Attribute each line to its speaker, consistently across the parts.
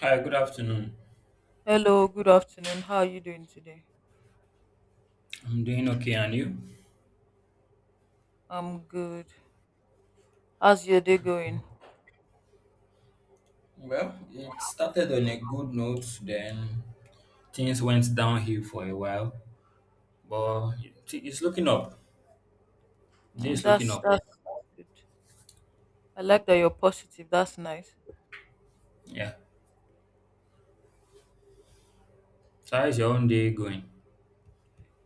Speaker 1: Hi, good afternoon.
Speaker 2: Hello, good afternoon. How are you doing today?
Speaker 1: I'm doing okay, and you?
Speaker 2: I'm good. How's your day going?
Speaker 1: Well, it started on a good note, then things went downhill for a while, but it's looking up. Day
Speaker 2: Mm,
Speaker 1: is looking
Speaker 2: that's
Speaker 1: up.
Speaker 2: that's that's good. I like that you're positive. That's nice.
Speaker 1: Yeah. So how's your own day going?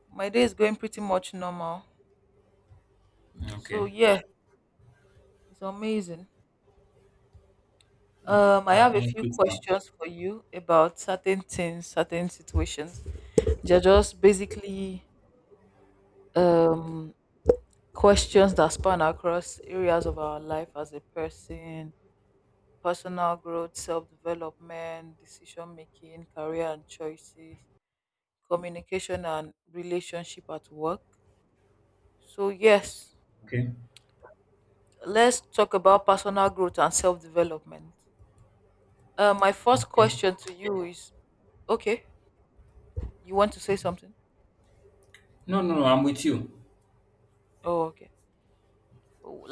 Speaker 2: My day is going pretty much normal. So
Speaker 1: Okay.
Speaker 2: yeah, it's amazing.
Speaker 1: Okay.
Speaker 2: I
Speaker 1: That,
Speaker 2: have a
Speaker 1: that's
Speaker 2: few
Speaker 1: good to know.
Speaker 2: questions for you about certain things, certain situations. They're just basically um questions that span across areas of our life as a person, personal growth, self development, decision making, career and choices, communication and relationship at work. So, yes,
Speaker 1: Okay.
Speaker 2: let's talk about personal growth and self development. My first
Speaker 1: Okay.
Speaker 2: question to you is okay, you want to say something?
Speaker 1: No, no, no. I'm with you.
Speaker 2: Oh, okay.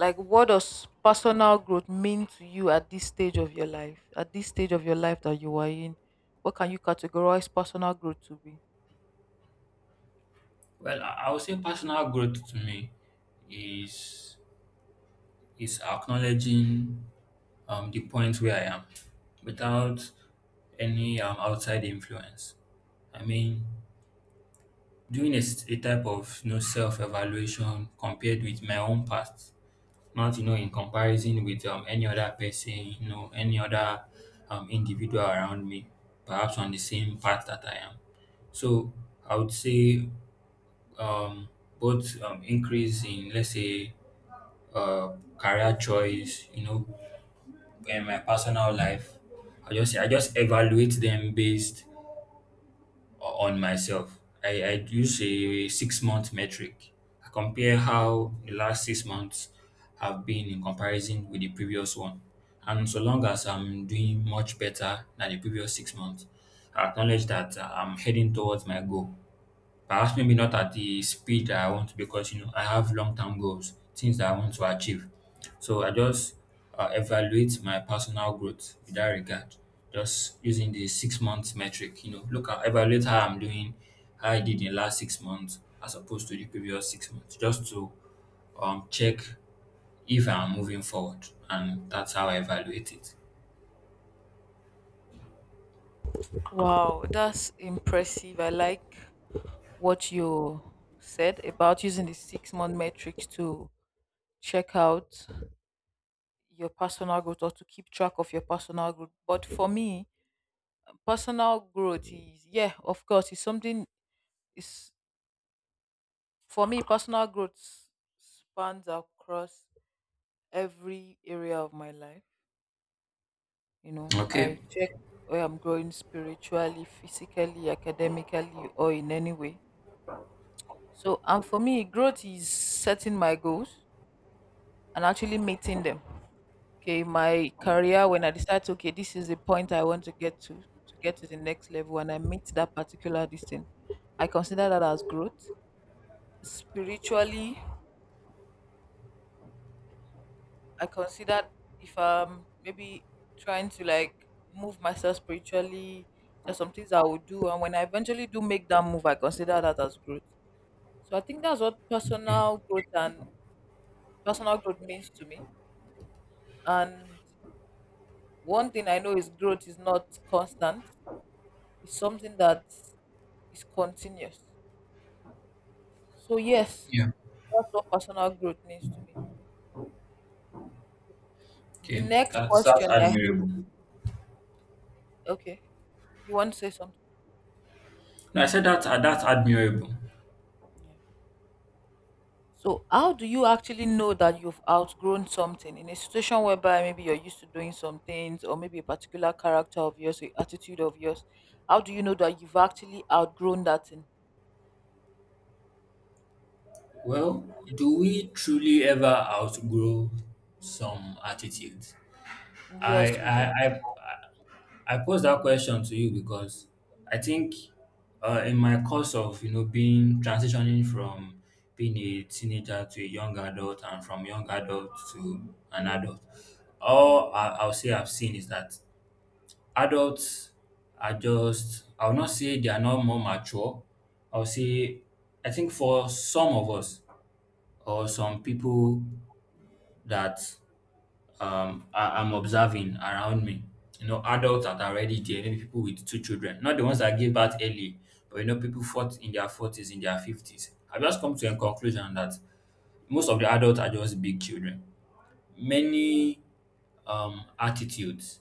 Speaker 2: Like, what does personal growth mean to you at this stage of your life? At this stage of your life that you are in, what can you categorize personal growth to be?
Speaker 1: Well, I would say personal growth to me is is acknowledging the point where I am without any outside influence. I mean, doing a type of self-evaluation, compared with my own past, not in comparison with any other person, any other individual around me, perhaps on the same path that I am. So I would say, um, both increase in, let's say, uh, career choice, in my personal life, I just evaluate them based on myself. I use a 6-month metric. I compare how the last 6 months have been in comparison with the previous one. And so long as I'm doing much better than the previous 6 months, I acknowledge that I'm heading towards my goal. Perhaps maybe not at the speed that I want to, because I have long term goals, things that I want to achieve. So I just evaluate my personal growth in that regard, just using the 6 months metric. You know, look at, evaluate how I'm doing, how I did in last 6 months as opposed to the previous 6 months, just to check if I'm moving forward, and that's how I evaluate it.
Speaker 2: Wow, that's impressive. I like what you said about using the 6-month metrics to check out your personal growth or to keep track of your personal growth. But for me, personal growth is, yeah, of course, it's something, is for me, personal growth spans across every area of my life. You know,
Speaker 1: Okay.
Speaker 2: I check where I'm growing spiritually, physically, academically, or in any way. So, and for me, growth is setting my goals and actually meeting them. Okay, my career, when I decide, okay, this is the point I want to get to get to the next level, and I meet that particular distance, I consider that as growth. Spiritually, I consider, if I'm maybe trying to, like, move myself spiritually, there's some things I would do, and when I eventually do make that move, I consider that as growth. So I think that's what
Speaker 1: Okay.
Speaker 2: personal growth and personal growth means to me. And one thing I know is growth is not constant, it's something that is continuous. So yes,
Speaker 1: Yeah.
Speaker 2: that's what personal growth means to me. The
Speaker 1: Okay.
Speaker 2: next
Speaker 1: That's
Speaker 2: question I have,
Speaker 1: admirable.
Speaker 2: okay, you want to say something?
Speaker 1: No, I said that that's admirable.
Speaker 2: Yeah. So how do you actually know that you've outgrown something in a situation whereby maybe you're used to doing some things or maybe a particular character of yours, a attitude of yours? How do you know that you've actually outgrown that thing?
Speaker 1: Well, do we truly ever outgrow some attitudes? I
Speaker 2: Yes, we do.
Speaker 1: I I I pose that question to you because I think, in my course of being transitioning from being a teenager to a young adult, and from young adult to an adult, all I'll say I've seen is that adults are just, I'll not say they are not more mature. I'll say I think for some of us or some people that, I'm observing around me. You know, adults that are already there, maybe people with two children, not the ones that gave birth early, but you know, people fought in their 40s, in their 50s. I've just come to a conclusion that most of the adults are just big children. Many attitudes,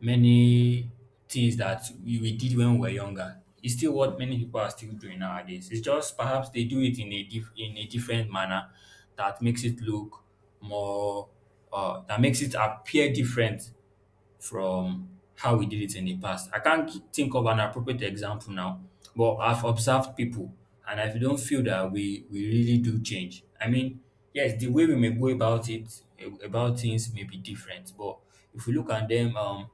Speaker 1: many things that we did when we were younger, it's still what many people are still doing nowadays. It's just perhaps they do it in a in a different manner that makes it look more that makes it appear different from how we did it in the past. I can't think of an appropriate example now, but I've observed people, and I don't feel that we really do change. I mean, yes, the way we may go about things may be different, but if we look at them,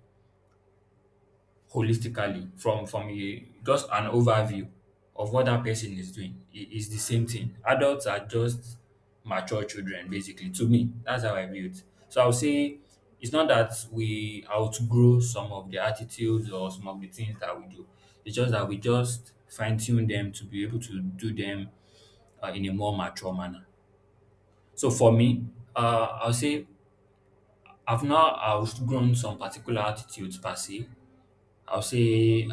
Speaker 1: holistically, from a just an overview of what that person is doing, it is the same thing. Adults are just mature children, basically. To me, that's how I view it. So I'll say it's not that we outgrow some of the attitudes or some of the things that we do. It's just that we just fine-tune them to be able to do them, in a more mature manner. So for me, I'll say I've not outgrown some particular attitudes per se, I'll say,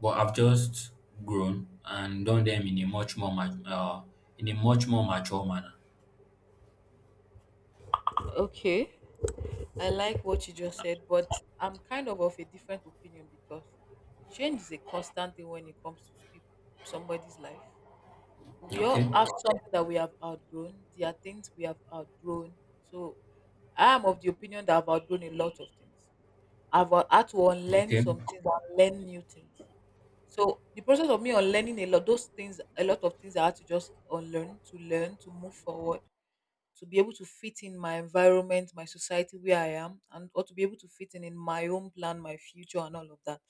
Speaker 1: but I've just grown and done them in a much more, ma- in a much more mature manner.
Speaker 2: Okay. I like what you just said, but I'm kind of a different opinion because change is a constant thing when it comes to somebody's life. We all
Speaker 1: Okay,
Speaker 2: have something that we have outgrown. There are things we have outgrown. So I am of the opinion that I've outgrown a lot of things. I've had to unlearn
Speaker 1: okay.
Speaker 2: some things and learn new things. So the process of me unlearning a lot, those things, a lot of things I had to just unlearn to learn to move forward, to be able to fit in my environment, my society where I am, and or to be able to fit in my own plan, my future, and all of that.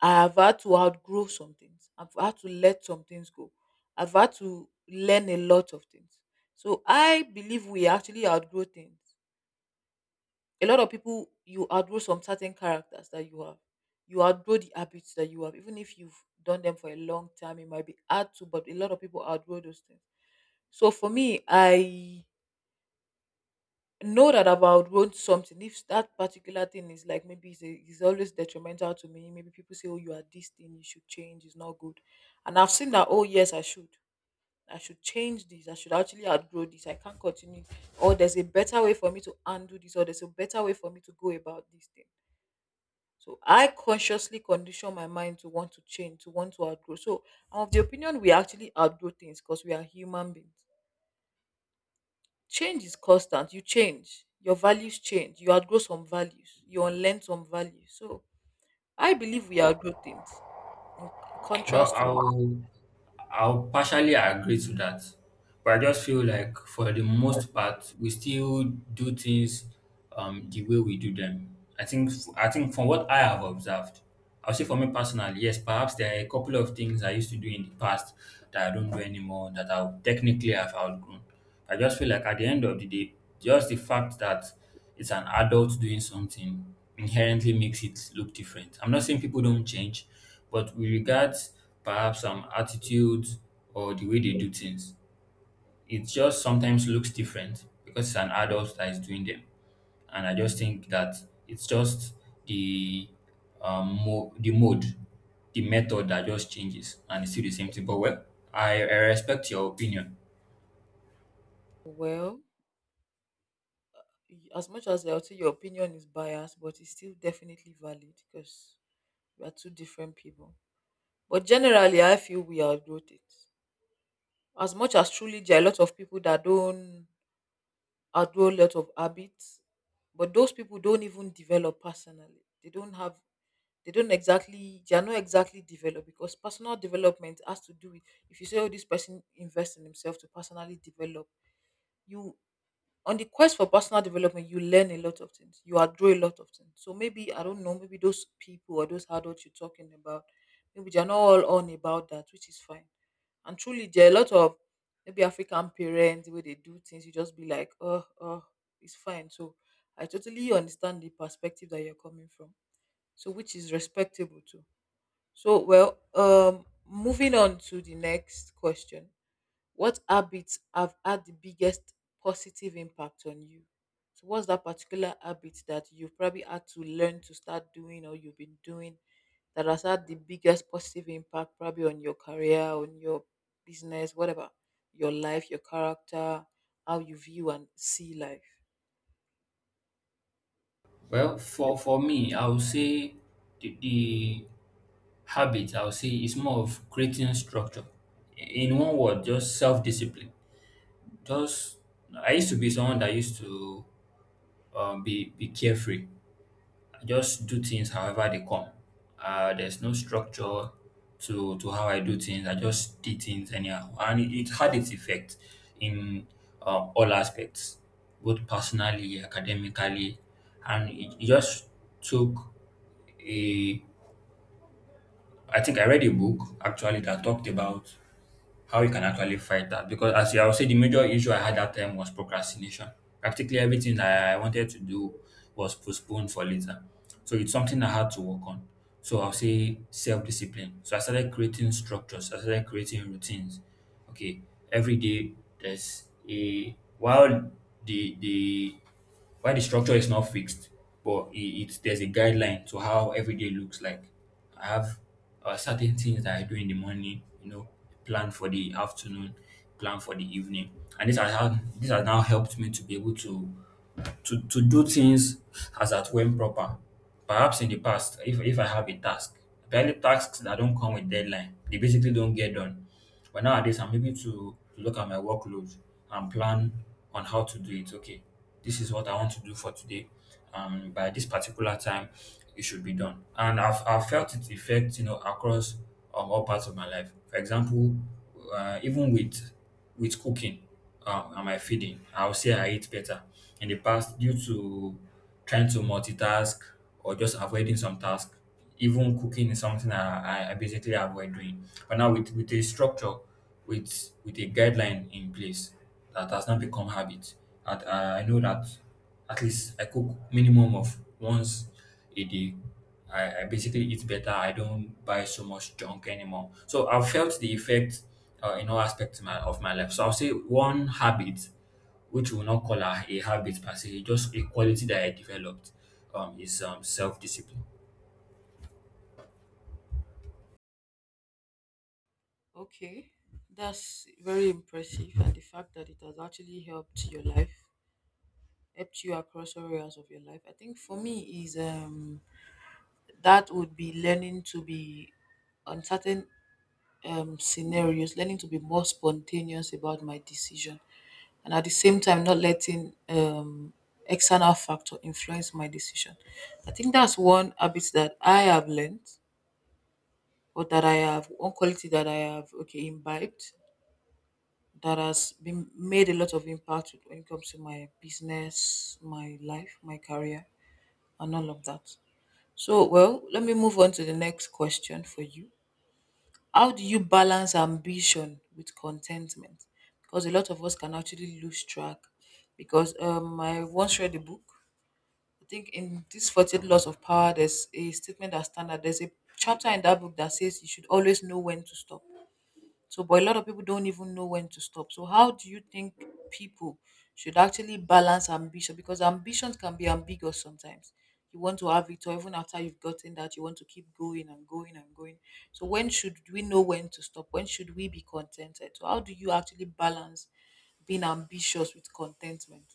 Speaker 2: I have had to outgrow some things. I've had to let some things go. I've had to learn a lot of things. So I believe we actually outgrow things. A lot of people, you outgrow some certain characters that you have. You outgrow the habits that you have, even if you've done them for a long time. It might be hard to, but a lot of people outgrow those things. So for me, I know that about want something, if that particular thing is like, maybe it's always detrimental to me, maybe people say, oh, you are this thing, you should change it's not good, and I've seen that, oh yes, I should change this, I should actually outgrow this, I can't continue, or there's a better way for me to undo this, or there's a better way for me to go about this thing. So I consciously condition my mind to want to change, to want to outgrow. So I'm of the opinion we actually outgrow things, because we are human beings. Change is constant. You change. Your values change. You outgrow some values. You unlearn some values. So I believe we outgrow things. In
Speaker 1: Well,
Speaker 2: contrast to,
Speaker 1: I'll partially agree to that, but I just feel like for the most part, we still do things the way we do them. I think from what I have observed, I'll say for me personally, yes, perhaps there are a couple of things I used to do in the past that I don't do anymore that I technically have outgrown. I just feel like at the end of the day, just the fact that it's an adult doing something inherently makes it look different. I'm not saying people don't change. But we regard perhaps some attitudes or the way they do things. It just sometimes looks different because it's an adult that is doing them. And I just think that it's just the the mode, the method that just changes, and it's still the same thing. But, well, I respect your opinion.
Speaker 2: well, as much as I'll say your opinion is biased, but it's still definitely valid because we are two different people. But generally, I feel we outgrow things. As much as truly there are a lot of people that don't outgrow a lot of habits, but those people don't even develop personally. They don't have, they don't exactly, they are not exactly developed, because personal development has to do with, if you say, oh, this person invests in himself to personally develop, you, on the quest for personal development, you learn a lot of things, you outgrow a lot of things. So maybe, I don't know, maybe those people or those adults you're talking about, maybe they're not all on about that, which is fine. And truly there are a lot of, maybe African parents, the way they do things, you just be like, oh, oh, it's fine. So I totally understand the perspective that you're coming from, so, which is respectable too. So, well, moving on to the next question. What habits have had the biggest positive impact on you? So, what's that particular habit that you've probably had to learn to start doing, or you've been doing, that has had the biggest positive impact probably on your career, on your business, whatever, your life, your character, how you view and see life?
Speaker 1: Well, for me, I would say the habit, I would say, is more of creating structure. In one word, just self discipline. Just, I used to be someone that used to be carefree. I just do things however they come. There's no structure to how I do things. I just did things anyhow, and it had its effect in, all aspects, both personally, academically, and it just took a. I think I read a book actually that talked about how you can actually fight that, because as I would say, the major issue I had that time was procrastination. Practically everything that I wanted to do was postponed for later. So it's something I had to work on. So I'll say self-discipline. So I started creating structures, I started creating routines. Okay, every day there's a while, the why the structure is not fixed, but it there's a guideline to how every day looks like. I have certain things that I do in the morning, you know, plan for the afternoon, plan for the evening, and this has how this has now helped me to be able to do things as at when proper. Perhaps in the past, if I have a task, barely tasks that don't come with deadline, they basically don't get done. But nowadays, I'm able to look at my workload and plan on how to do it. Okay, this is what I want to do for today. By this particular time, it should be done. And I've felt its effect, you know, across all parts of my life. For example, even with cooking, and my feeding, I'll say I eat better in the past due to trying to multitask or just avoiding some tasks. Even cooking is something I basically avoid doing. But now, with a structure, with a guideline in place, that has not become habit, that I know that at least I cook minimum of once a day. I basically eat better. I don't buy so much junk anymore. So I've felt the effect, in all aspects of my life. So I'll say one habit, which we will not call a habit per se, just a quality that I developed, is self discipline.
Speaker 2: Okay, that's very impressive. And the fact that it has actually helped your life, helped you across all areas of your life? I think for me is, that would be learning to be on certain scenarios, learning to be more spontaneous about my decision, and at the same time not letting external factor influence my decision. I think that's one habit that I have learned, or that I have, one quality that I have, okay, imbibed, that has been made a lot of impact when it comes to my business, my life, my career, and all of that. So, well, let me move on to the next question for you. How do you balance ambition with contentment? Because a lot of us can actually lose track. Because I once read a book. I think in this 48 Laws of Power, there's a statement that standard. There's a chapter in that book that says you should always know when to stop, so, but a lot of people don't even know when to stop. So, how do you think people should actually balance ambition? Because ambitions can be ambiguous sometimes. You want to have it, or even after you've gotten that, you want to keep going and going and going. So, when should we know when to stop? When should we be contented? So, how do you actually balance being ambitious with contentment?